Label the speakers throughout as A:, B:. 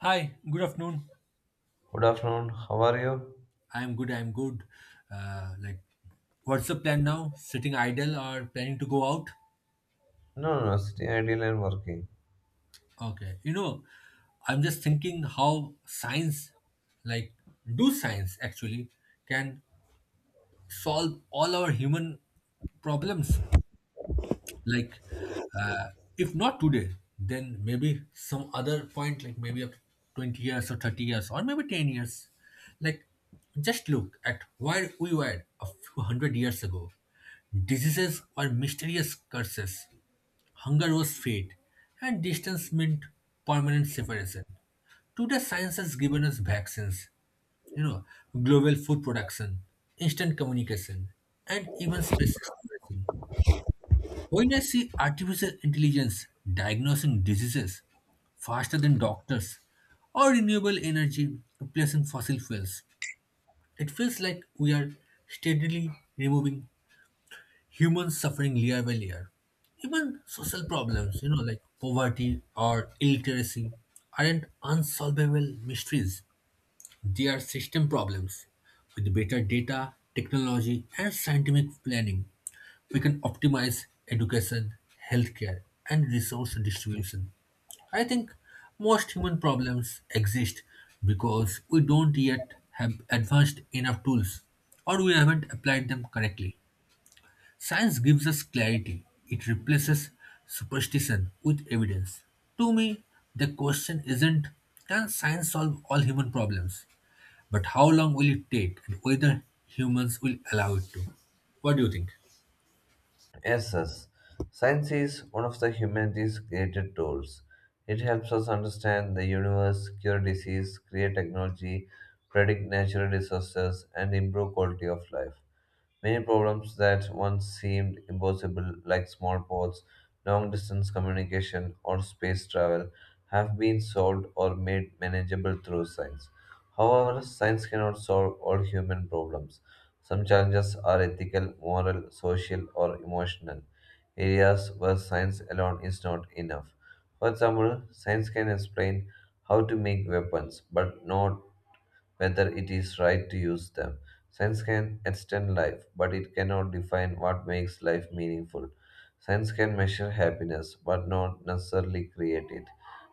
A: Hi, good afternoon.
B: Good afternoon. How are you?
A: I'm good, I'm good. Uh, like, what's the plan now? Sitting idle or planning to go out?
B: No, no, no. Sitting idle and working.
A: Okay. I'm just thinking how science, like, do science actually, can solve all our human problems like uh, if not today then maybe some other point like maybe of 20 years or 30 years or maybe 10 years. Like, just look at where we were a few hundred years ago. Diseases were mysterious curses, hunger was fate, and distance meant permanent separation. Today science has given us vaccines, you know, global food production, instant communication, and even space exploration. When I see artificial intelligence diagnosing diseases faster than doctors, or renewable energy replacing fossil fuels, it feels like we are steadily removing human suffering layer by layer. Even social problems, like poverty or illiteracy, aren't unsolvable mysteries. They are system problems. With better data, technology, and scientific planning, we can optimize education, healthcare, and resource distribution. I think most human problems exist because we don't yet have advanced enough tools, or we haven't applied them correctly. Science gives us clarity; it replaces superstition with evidence. To me, the question isn't can science solve all human problems, but how long will it take and whether humans will allow it to. What do you think?
B: Yes, yes. Science is one of the humanity's created tools. It helps us understand the universe, cure disease, create technology, predict natural disasters, and improve quality of life. Many problems that once seemed impossible, like small ports, long distance communication, or space travel, have been solved or made manageable through science. However, science cannot solve all human problems. Some challenges are ethical, moral, social, or emotional, areas where science alone is not enough. For example, science can explain how to make weapons, but not whether it is right to use them. Science can extend life, but it cannot define what makes life meaningful. Science can measure happiness, but not necessarily create it.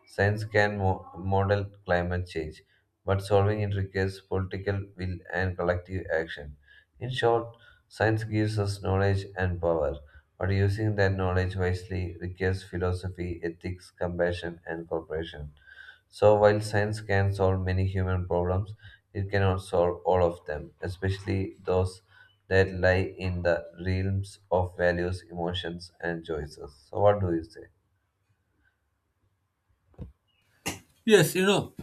B: Science can model climate change, but solving it requires political will and collective action. In short, science gives us knowledge and power, but using that knowledge wisely requires philosophy, ethics, compassion, and cooperation. So, while science can solve many human problems, it cannot solve all of them, especially those that lie in the realms of values, emotions, and choices. So, what do you say?
A: Yes, you know,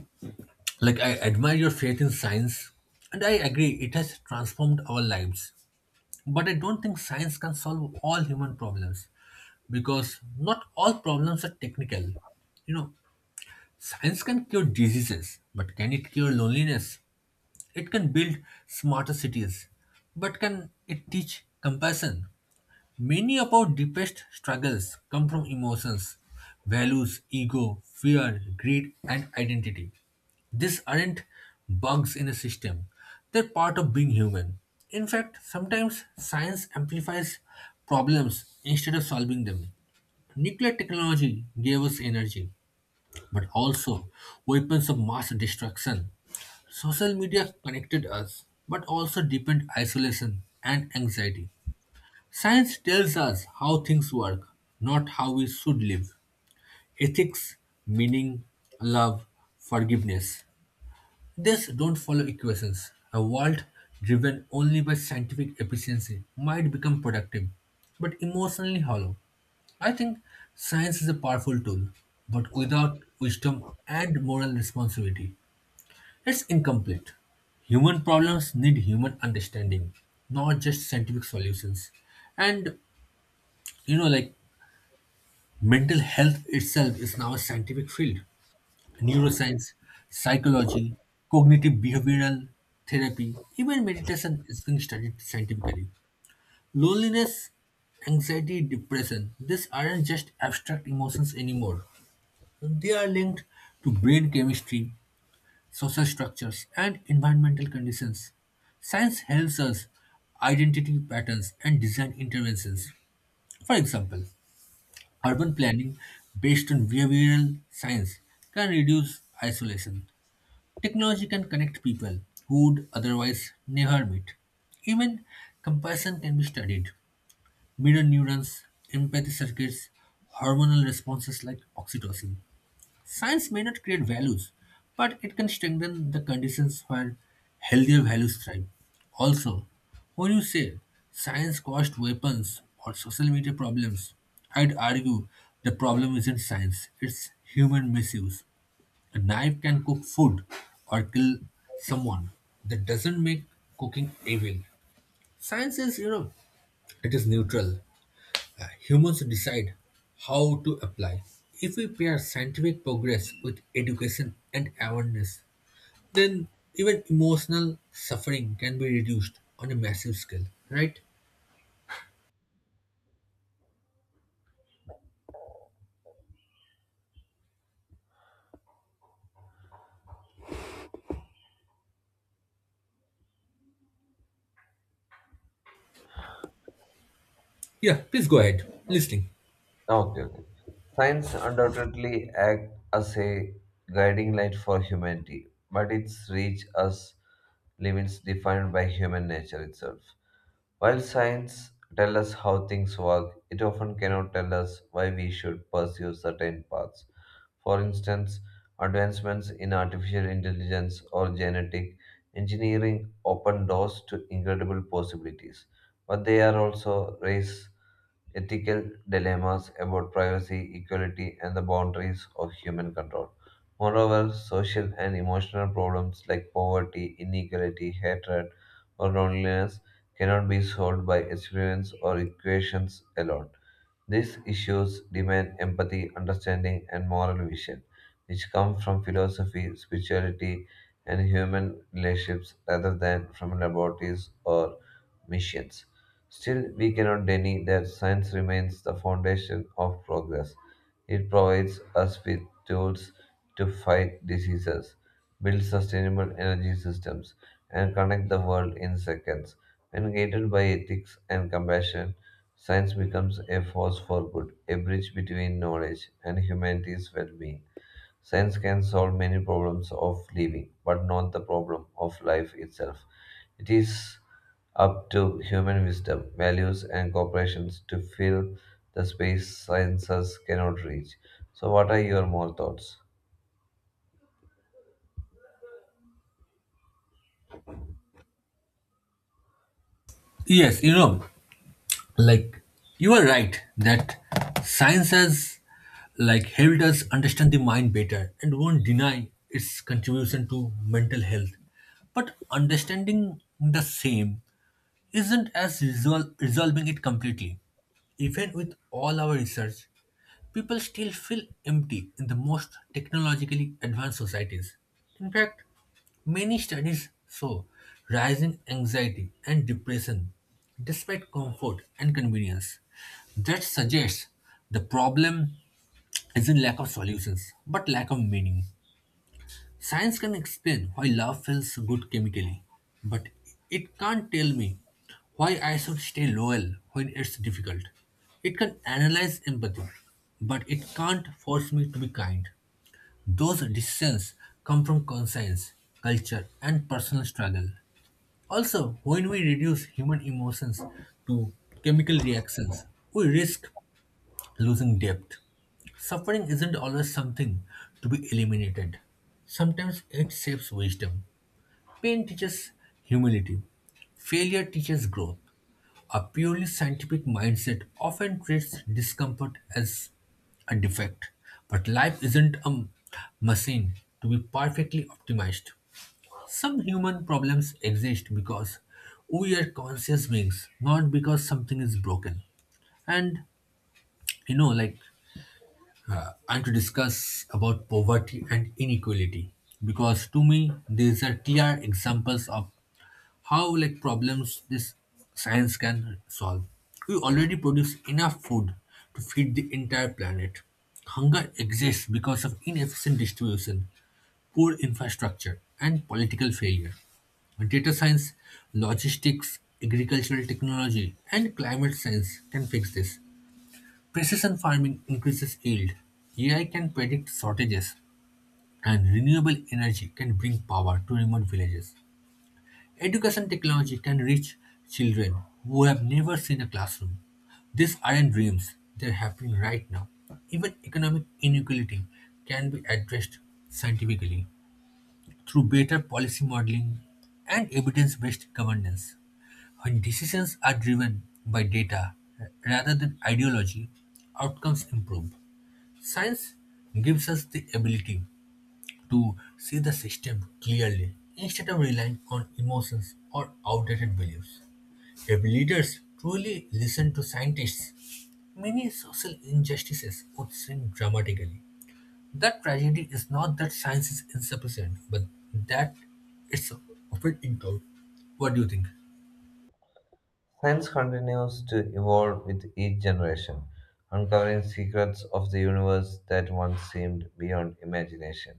A: like I admire your faith in science, and I agree it has transformed our lives. But I don't think science can solve all human problems because not all problems are technical. You know, Science can cure diseases, but can it cure loneliness? It can build smarter cities, but can it teach compassion? Many of our deepest struggles come from emotions, values, ego, fear, greed, and identity. These aren't bugs in a system, they're part of being human. In fact, sometimes science amplifies problems instead of solving them. Nuclear technology gave us energy but also weapons of mass destruction. Social media connected us, but also deepened isolation and anxiety. Science tells us how things work, not how we should live. Ethics, meaning, love, forgiveness. This don't follow equations. A world driven only by scientific efficiency might become productive, but emotionally hollow. I think science is a powerful tool, but without wisdom and moral responsibility, it's incomplete. Human problems need human understanding, not just scientific solutions. And you know, like Mental health itself is now a scientific field. Neuroscience, psychology, cognitive behavioral therapy, even meditation is being studied scientifically. Loneliness, anxiety, depression, these aren't just abstract emotions anymore. They are linked to brain chemistry, social structures, and environmental conditions. Science helps us identity patterns and design interventions. For example, urban planning based on behavioral science can reduce isolation. Technology can connect people who would otherwise never meet. Even compassion can be studied. Mirror neurons, empathy circuits, hormonal responses like oxytocin. Science may not create values, but it can strengthen the conditions where healthier values thrive. Also, when you say science caused weapons or social media problems, I'd argue the problem isn't science, it's human misuse. A knife can cook food or kill someone. That doesn't make cooking evil. Science is, it is neutral. Humans decide how to apply. If we pair scientific progress with education and awareness, then even emotional suffering can be reduced on a massive scale, right? Yeah, please go ahead. Listening.
B: Okay, okay. Science undoubtedly acts as a guiding light for humanity, but its reach as limits defined by human nature itself. While science tells us how things work, it often cannot tell us why we should pursue certain paths. For instance, advancements in artificial intelligence or genetic engineering open doors to incredible possibilities, but they are also raise ethical dilemmas about privacy, equality, and the boundaries of human control. Moreover, social and emotional problems like poverty, inequality, hatred, or loneliness cannot be solved by experiments or equations alone. These issues demand empathy, understanding, and moral vision, which come from philosophy, spirituality, and human relationships rather than from laboratories or missions. Still, we cannot deny that science remains the foundation of progress. It provides us with tools to fight diseases, build sustainable energy systems, and connect the world in seconds. When guided by ethics and compassion, science becomes a force for good, a bridge between knowledge and humanity's well being. Science can solve many problems of living, but not the problem of life itself. It is up to human wisdom, values, and corporations to fill the space sciences cannot reach. So, what are your more thoughts?
A: Yes, like you are right that science has like helped us understand the mind better, and won't deny its contribution to mental health, but understanding the same isn't as resolving it completely. Even with all our research, people still feel empty in the most technologically advanced societies. In fact, many studies show rising anxiety and depression despite comfort and convenience. That suggests the problem isn't lack of solutions, but lack of meaning. Science can explain why love feels good chemically, but it can't tell me why I should stay loyal when it's difficult. It can analyze empathy, but it can't force me to be kind. Those decisions come from conscience, culture, and personal struggle. Also, when we reduce human emotions to chemical reactions, we risk losing depth. Suffering isn't always something to be eliminated. Sometimes it shapes wisdom. Pain teaches humility. Failure teaches growth. A purely scientific mindset often treats discomfort as a defect, but life isn't a machine to be perfectly optimized. Some human problems exist because we are conscious beings, not because something is broken. And you know, like I'm to discuss about poverty and inequality because to me these are clear examples of how like problems this science can solve. We already produce enough food to feed the entire planet. Hunger exists because of inefficient distribution, poor infrastructure, and political failure. Data science, logistics, agricultural technology, and climate science can fix this. Precision farming increases yield. AI can predict shortages, and renewable energy can bring power to remote villages. Education technology can reach children who have never seen a classroom. These aren't dreams, they're happening right now. Even economic inequality can be addressed scientifically through better policy modeling and evidence based governance. When decisions are driven by data rather than ideology, outcomes improve. Science gives us the ability to see the system clearly instead of relying on emotions or outdated beliefs. If leaders truly listened to scientists, many social injustices would shrink dramatically. The tragedy is not that science is insufficient, but that it's often ignored. What do you think?
B: Science continues to evolve with each generation, uncovering secrets of the universe that once seemed beyond imagination.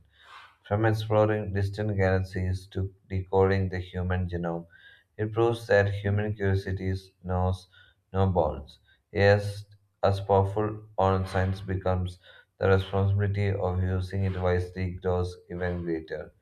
B: From exploring distant galaxies to decoding the human genome, it proves that human curiosity knows no bounds. Yes, as powerful on science becomes, the responsibility of using it wisely grows even greater.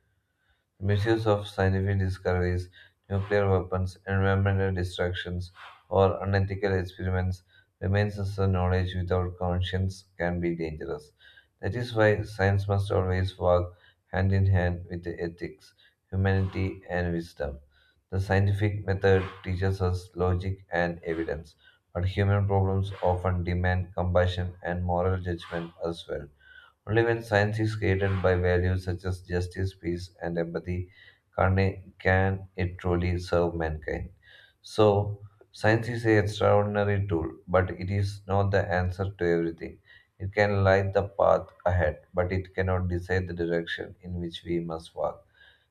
B: Misuse of scientific discoveries, nuclear weapons, environmental distractions, or unethical experiments remains as a knowledge without conscience can be dangerous. That is why science must always work hand in hand with the ethics, humanity, and wisdom. The scientific method teaches us logic and evidence, but human problems often demand compassion and moral judgment as well. Only when science is guided by values such as justice, peace, and empathy can it truly serve mankind. So, science is an extraordinary tool, but it is not the answer to everything. It can light the path ahead, but it cannot decide the direction in which we must walk.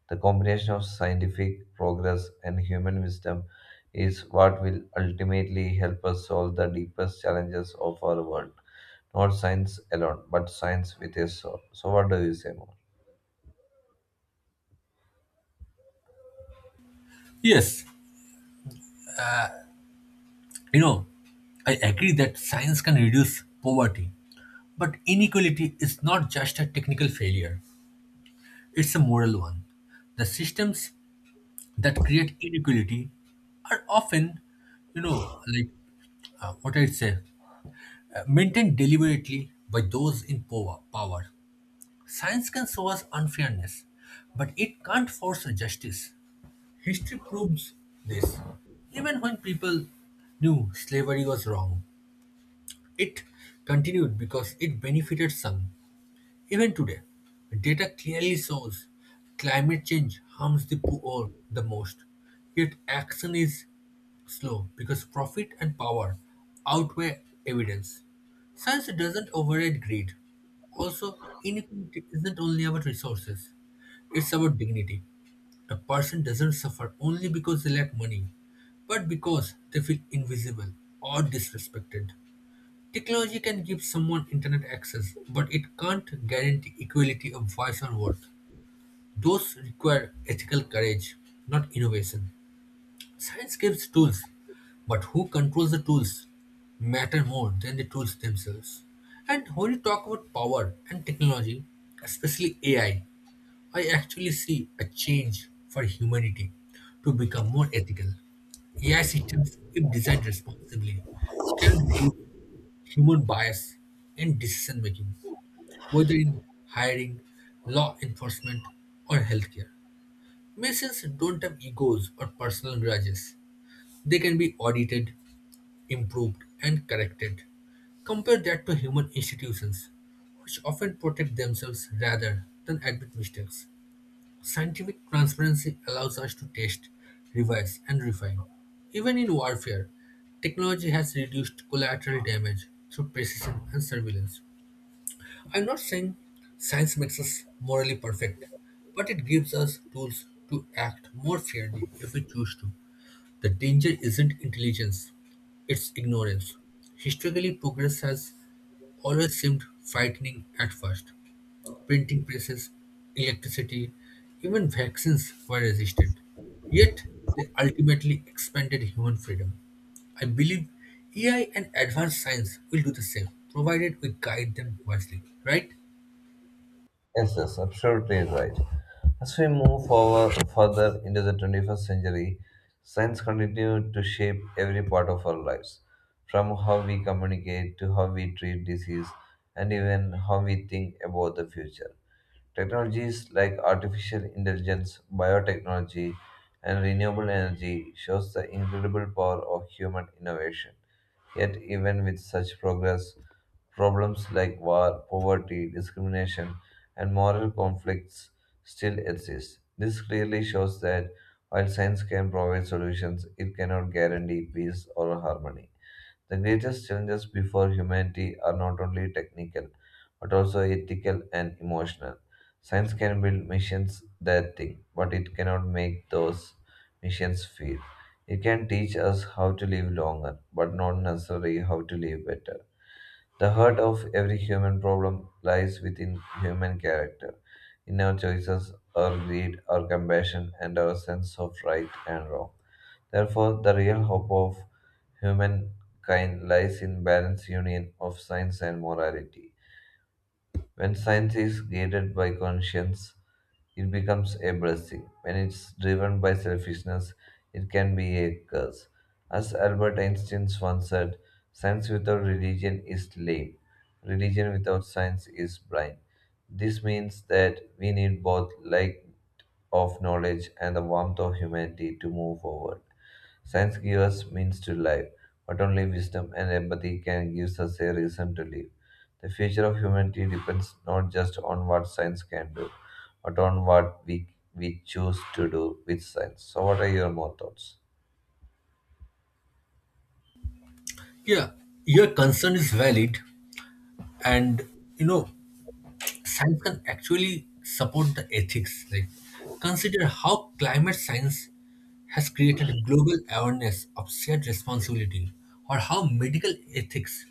B: The combination of scientific progress and human wisdom is what will ultimately help us solve the deepest challenges of our world. Not science alone, but science with a soul. So, what do you say more?
A: Yes, you know, I agree that science can reduce poverty, but inequality is not just a technical failure, it's a moral one. The systems that create inequality are often, you know, like what I'd say, maintained deliberately by those in power. Science can show us unfairness, but it can't force justice. History proves this. Even when people knew slavery was wrong, it continued because it benefited some. Even today, data clearly shows climate change harms the poor the most. Yet action is slow because profit and power outweigh evidence. Science doesn't override greed. Also, inequality isn't only about resources, it's about dignity. A person doesn't suffer only because they lack money, but because they feel invisible or disrespected. Technology can give someone internet access, but it can't guarantee equality of voice or vote. Those require ethical courage, not innovation. Science gives tools, but who controls the tools matter more than the tools themselves. And when you talk about power and technology, especially AI, I actually see a change for humanity to become more ethical. AI systems, if designed responsibly, can reduce human bias in decision making, whether in hiring, law enforcement, or healthcare. Machines don't have egos or personal grudges. They can be audited, improved, and corrected. Compare that to human institutions, which often protect themselves rather than admit mistakes. Scientific transparency allows us to test, revise, and refine. Even in warfare, technology has reduced collateral damage through precision and surveillance. I'm not saying science makes us morally perfect, but it gives us tools to act more fairly if we choose to. The danger isn't intelligence, it's ignorance. Historically, progress has always seemed frightening at first. Printing presses, electricity, even vaccines were resisted. Yet, they ultimately expanded human freedom. I believe AI and advanced science will do the same, provided we guide them wisely, right?
B: Yes, yes, absolutely right. As we move forward further into the 21st century, science continues to shape every part of our lives, from how we communicate to how we treat disease and even how we think about the future. Technologies like artificial intelligence, biotechnology, and renewable energy shows the incredible power of human innovation. Yet even with such progress, problems like war, poverty, discrimination, and moral conflicts still exist. This clearly shows that while science can provide solutions, it cannot guarantee peace or harmony. The greatest challenges before humanity are not only technical, but also ethical and emotional. Science can build missions that think, but it cannot make those missions feel. It can teach us how to live longer, but not necessarily how to live better. The heart of every human problem lies within human character, in our choices, our greed, our compassion, and our sense of right and wrong. Therefore, the real hope of humankind lies in balanced union of science and morality. When science is guided by conscience, it becomes a blessing. When it's driven by selfishness, it can be a curse. As Albert Einstein once said, science without religion is lame. Religion without science is blind. This means that we need both light of knowledge and the warmth of humanity to move forward. Science gives us means to live, but only wisdom and empathy can give us a reason to live. The future of humanity depends not just on what science can do, but on what we choose to do with science. So, what are your more thoughts?
A: Yeah, your concern is valid, and you know, science can actually support the ethics. Like, consider how climate science has created global awareness of shared responsibility, or how medical ethics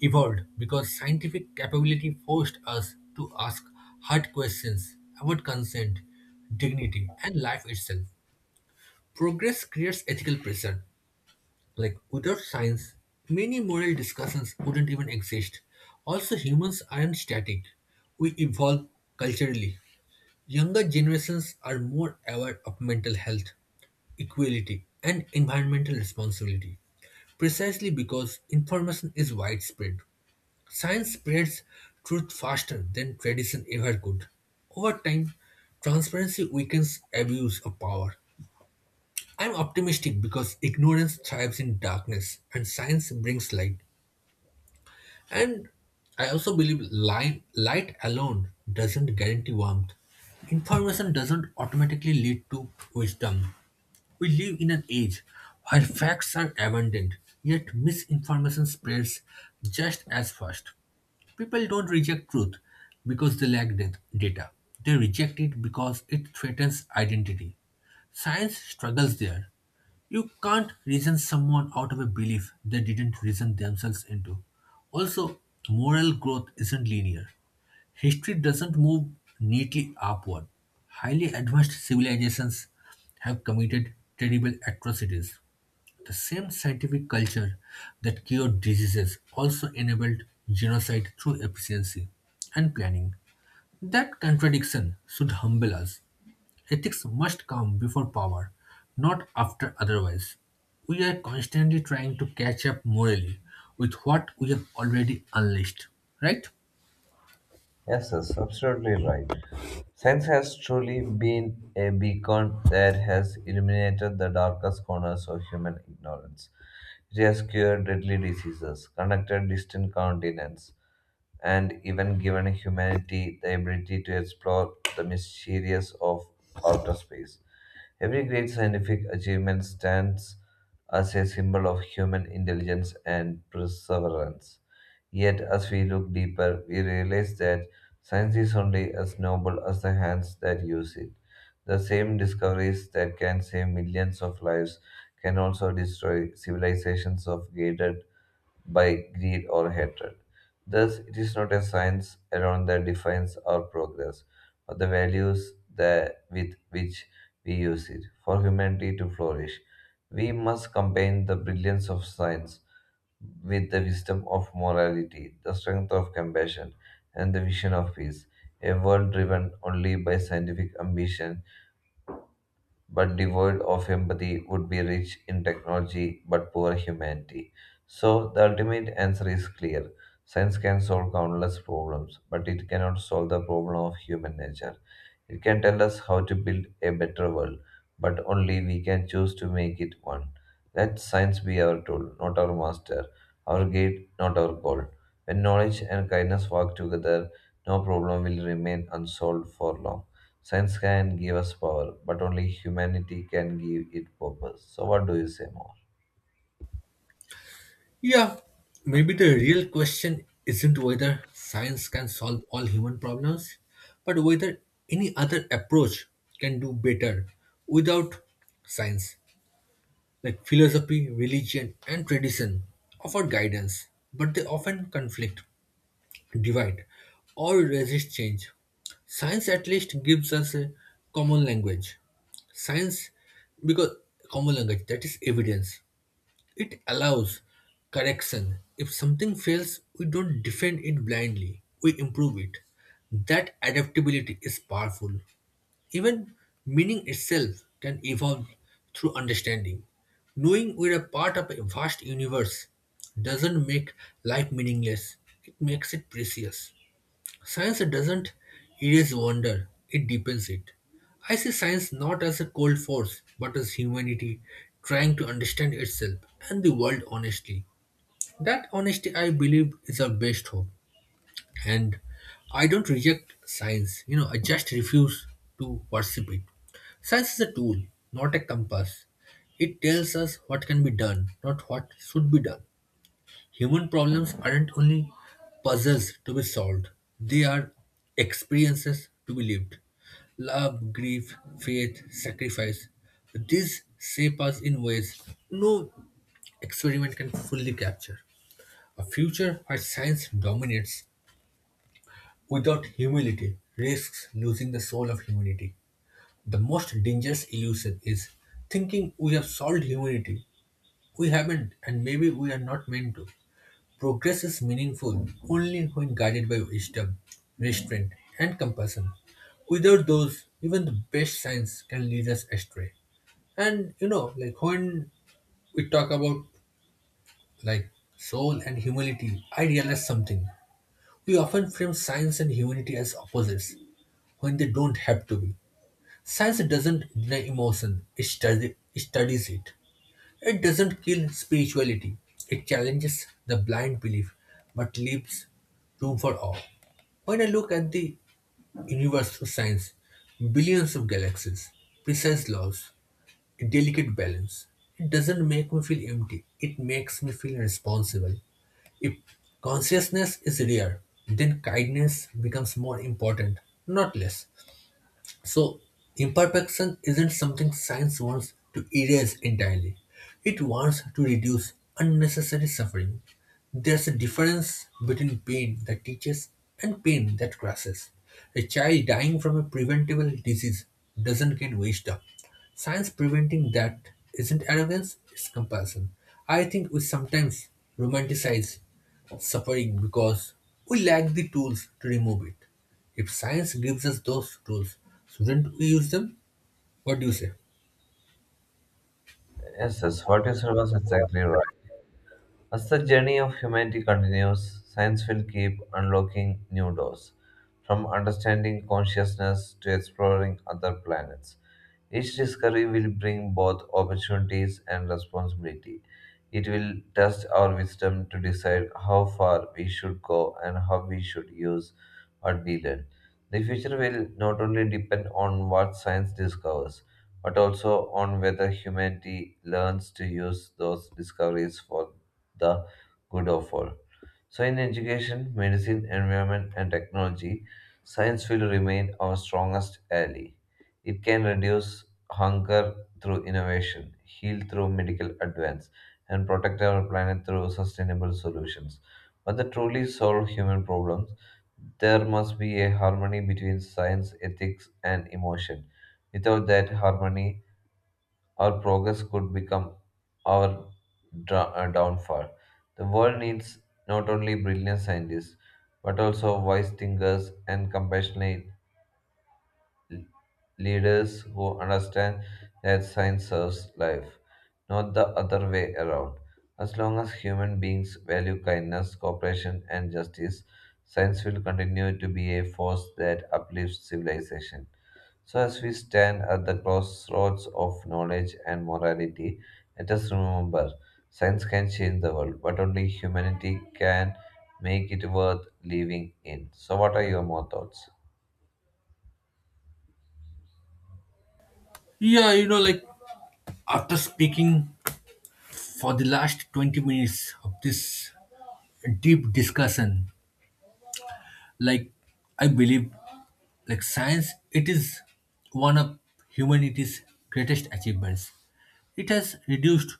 A: evolved because scientific capability forced us to ask hard questions about consent, dignity, and life itself. Progress creates ethical pressure. Like without science, many moral discussions wouldn't even exist. Also, humans aren't static. We evolve culturally. Younger generations are more aware of mental health, equality, and environmental responsibility, precisely because information is widespread. Science spreads truth faster than tradition ever could. Over time, transparency weakens abuse of power. I'm optimistic because ignorance thrives in darkness and science brings light. And I also believe light alone doesn't guarantee warmth. Information doesn't automatically lead to wisdom. We live in an age where facts are abundant, yet misinformation spreads just as fast. People don't reject truth because they lack data. They reject it because it threatens identity. Science struggles there. You can't reason someone out of a belief they didn't reason themselves into. Also, moral growth isn't linear. History doesn't move neatly upward. Highly advanced civilizations have committed terrible atrocities. The same scientific culture that cured diseases also enabled genocide through efficiency and planning. That contradiction should humble us. Ethics must come before power, not after otherwise. We are constantly trying to catch up morally with what we have already unleashed, right?
B: Yes, yes, absolutely right. Science has truly been a beacon that has illuminated the darkest corners of human ignorance. It has cured deadly diseases, connected distant continents, and even given humanity the ability to explore the mysteries of outer space. Every great scientific achievement stands as a symbol of human intelligence and perseverance. Yet, as we look deeper, we realize that science is only as noble as the hands that use it. The same discoveries that can save millions of lives can also destroy civilizations of gated by greed or hatred. Thus, it is not a science alone that defines our progress, but the values that with which we use it for humanity to flourish. We must combine the brilliance of science with the wisdom of morality, the strength of compassion, and the vision of peace. A world driven only by scientific ambition but devoid of empathy, would be rich in technology but poor humanity. So, the ultimate answer is clear. Science can solve countless problems, but it cannot solve the problem of human nature. It can tell us how to build a better world, but only we can choose to make it one. Let science be our tool, not our master, our guide, not our goal. When knowledge and kindness work together, no problem will remain unsolved for long. Science can give us power, but only humanity can give it purpose. So, what do you say more?
A: Yeah, maybe the real question isn't whether science can solve all human problems, but whether any other approach can do better without science. Like philosophy, religion, and tradition offer guidance, but they often conflict, divide, or resist change. Science at least gives us a common language. Science, because common language, that is evidence. It allows correction. If something fails, we don't defend it blindly, we improve it. That adaptability is powerful. Even meaning itself can evolve through understanding. Knowing we're a part of a vast universe doesn't make life meaningless, it makes it precious. Science doesn't erase wonder, it deepens it. I see science not as a cold force, but as humanity trying to understand itself and the world honestly. That honesty, I believe, is our best hope. And I don't reject science, I just refuse to worship it. Science is a tool, not a compass. It tells us what can be done, not what should be done. Human problems aren't only puzzles to be solved, they are experiences to be lived. Love, grief, faith, sacrifice. These shape us in ways no experiment can fully capture. A future where science dominates without humility risks losing the soul of humanity. The most dangerous illusion is thinking we have solved humanity. We haven't, and maybe we are not meant to. Progress is meaningful only when guided by wisdom, restraint, and compassion. Without those, even the best science can lead us astray. And you know, when we talk about like soul and humility, I realize something. We often frame science and humanity as opposites when they don't have to be. Science doesn't deny emotion, it studies it. It doesn't kill spirituality, it challenges the blind belief but leaves room for awe. When I look at the universe through science, billions of galaxies, precise laws, a delicate balance, it doesn't make me feel empty, it makes me feel responsible. If consciousness is rare, then kindness becomes more important, not less. So, imperfection isn't something science wants to erase entirely. It wants to reduce unnecessary suffering. There's a difference between pain that teaches and pain that crushes. A child dying from a preventable disease doesn't get washed up. Science preventing that isn't arrogance, it's compassion. I think we sometimes romanticize suffering because we lack the tools to remove it. If science gives us those tools, shouldn't we use them? What do you say?
B: Yes, yes, what you said was exactly right. As the journey of humanity continues, science will keep unlocking new doors, from understanding consciousness to exploring other planets. Each discovery will bring both opportunities and responsibility. It will test our wisdom to decide how far we should go and how we should use what we learn. The future will not only depend on what science discovers, but also on whether humanity learns to use those discoveries for the good of all. So, in education, medicine, environment, and technology, science will remain our strongest ally. It can reduce hunger through innovation, heal through medical advance, and protect our planet through sustainable solutions. But to truly solve human problems, there must be a harmony between science, ethics, and emotion. Without that harmony, our progress could become our downfall. The world needs not only brilliant scientists, but also wise thinkers and compassionate leaders who understand that science serves life, not the other way around. As long as human beings value kindness, cooperation, and justice, science will continue to be a force that uplifts civilization. So, as we stand at the crossroads of knowledge and morality, let us remember science can change the world, but only humanity can make it worth living in. So, what are your more thoughts?
A: Yeah, you know, after speaking for the last 20 minutes of this deep discussion, like I believe science it is one of humanity's greatest achievements. It has reduced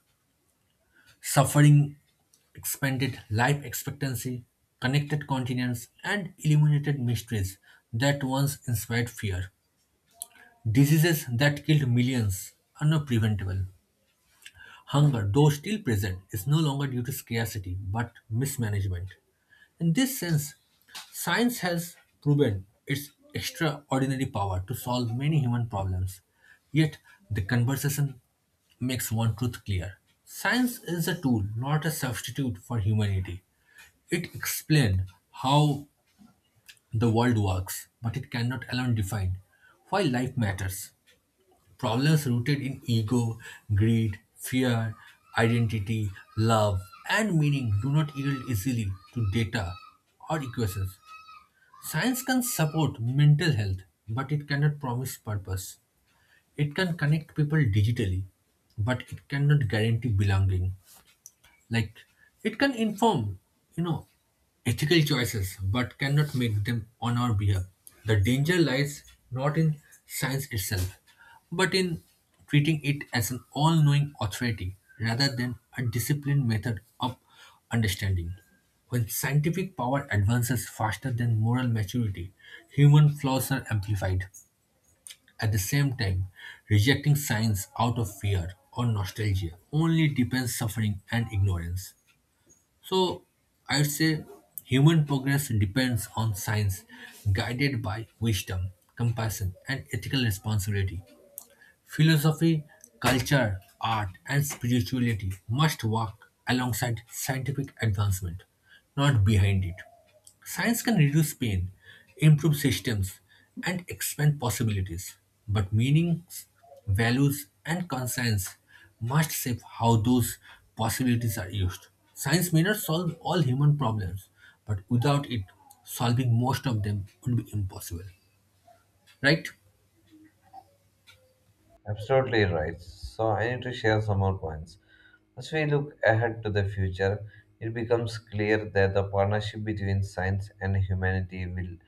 A: suffering, expanded life expectancy, connected continents and eliminated mysteries that once inspired fear. Diseases that killed millions are now preventable. Hunger, though still present, is no longer due to scarcity but mismanagement. In this sense, science has proven its extraordinary power to solve many human problems. Yet, the conversation makes one truth clear. Science is a tool, not a substitute for humanity. It explains how the world works, but it cannot alone define why life matters. Problems rooted in ego, greed, fear, identity, love, and meaning do not yield easily to data or equations. Science can support mental health, but it cannot promise purpose. It can connect people digitally, but it cannot guarantee belonging. Like it can inform, you know, ethical choices, but cannot make them on our behalf. The danger lies not in science itself, but in treating it as an all knowing authority rather than a disciplined method of understanding. When scientific power advances faster than moral maturity, human flaws are amplified. At the same time, rejecting science out of fear or nostalgia only deepens suffering and ignorance. So I'd say human progress depends on science guided by wisdom, compassion, and ethical responsibility. Philosophy, culture, art, and spirituality must work alongside scientific advancement, not behind it. Science can reduce pain, improve systems, and expand possibilities, but meanings, values, and conscience must shape how those possibilities are used. Science may not solve all human problems, but without it, solving most of them would be impossible, right?
B: Absolutely right. So I need to share some more points. As we look ahead to the future, it becomes clear that the partnership between science and humanity will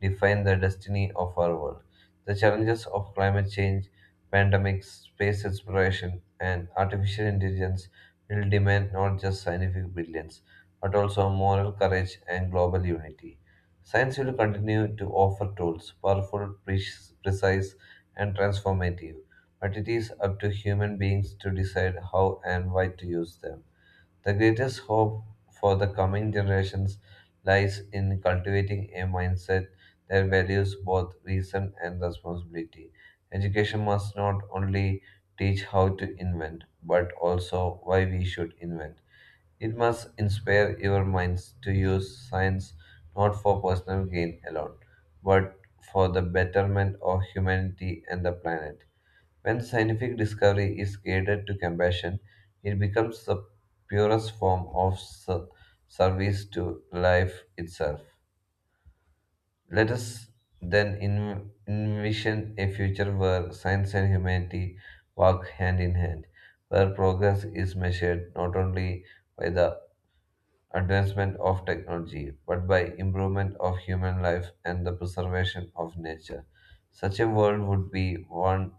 B: define the destiny of our world. The challenges of climate change, pandemics, space exploration, and artificial intelligence will demand not just scientific brilliance, but also moral courage and global unity. Science will continue to offer tools, powerful, precise, and transformative but it is up to human beings to decide how and why to use them. The greatest hope for the coming generations lies in cultivating a mindset that values both reason and responsibility. Education must not only teach how to invent, but also why we should invent. It must inspire your minds to use science not for personal gain alone, but for the betterment of humanity and the planet. When scientific discovery is guided to compassion, it becomes the purest form of service to life itself. Let us then envision a future where science and humanity walk hand in hand, where progress is measured not only by the advancement of technology but by improvement of human life and the preservation of nature. Such a world would be one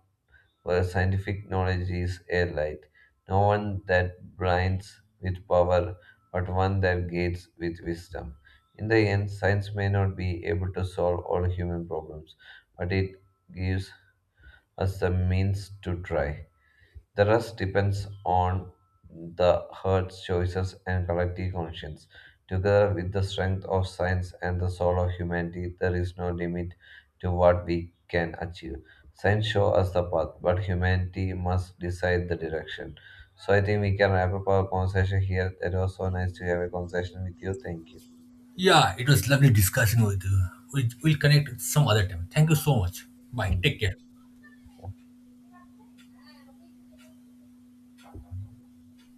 B: where scientific knowledge is a light, no one that blinds with power, but one that gates with wisdom. In the end, science may not be able to solve all human problems, but it gives us the means to try. The rest depends on the heart's choices and collective conscience. Together with the strength of science and the soul of humanity, there is no limit to what we can achieve. Science shows us the path, but humanity must decide the direction. So I think we can wrap up our conversation here. It was so nice to have a conversation with you. Thank you.
A: Yeah, it was lovely discussing with you. We'll connect some other time. Thank you so much. Bye.
B: Thank
A: Take
B: you.
A: care.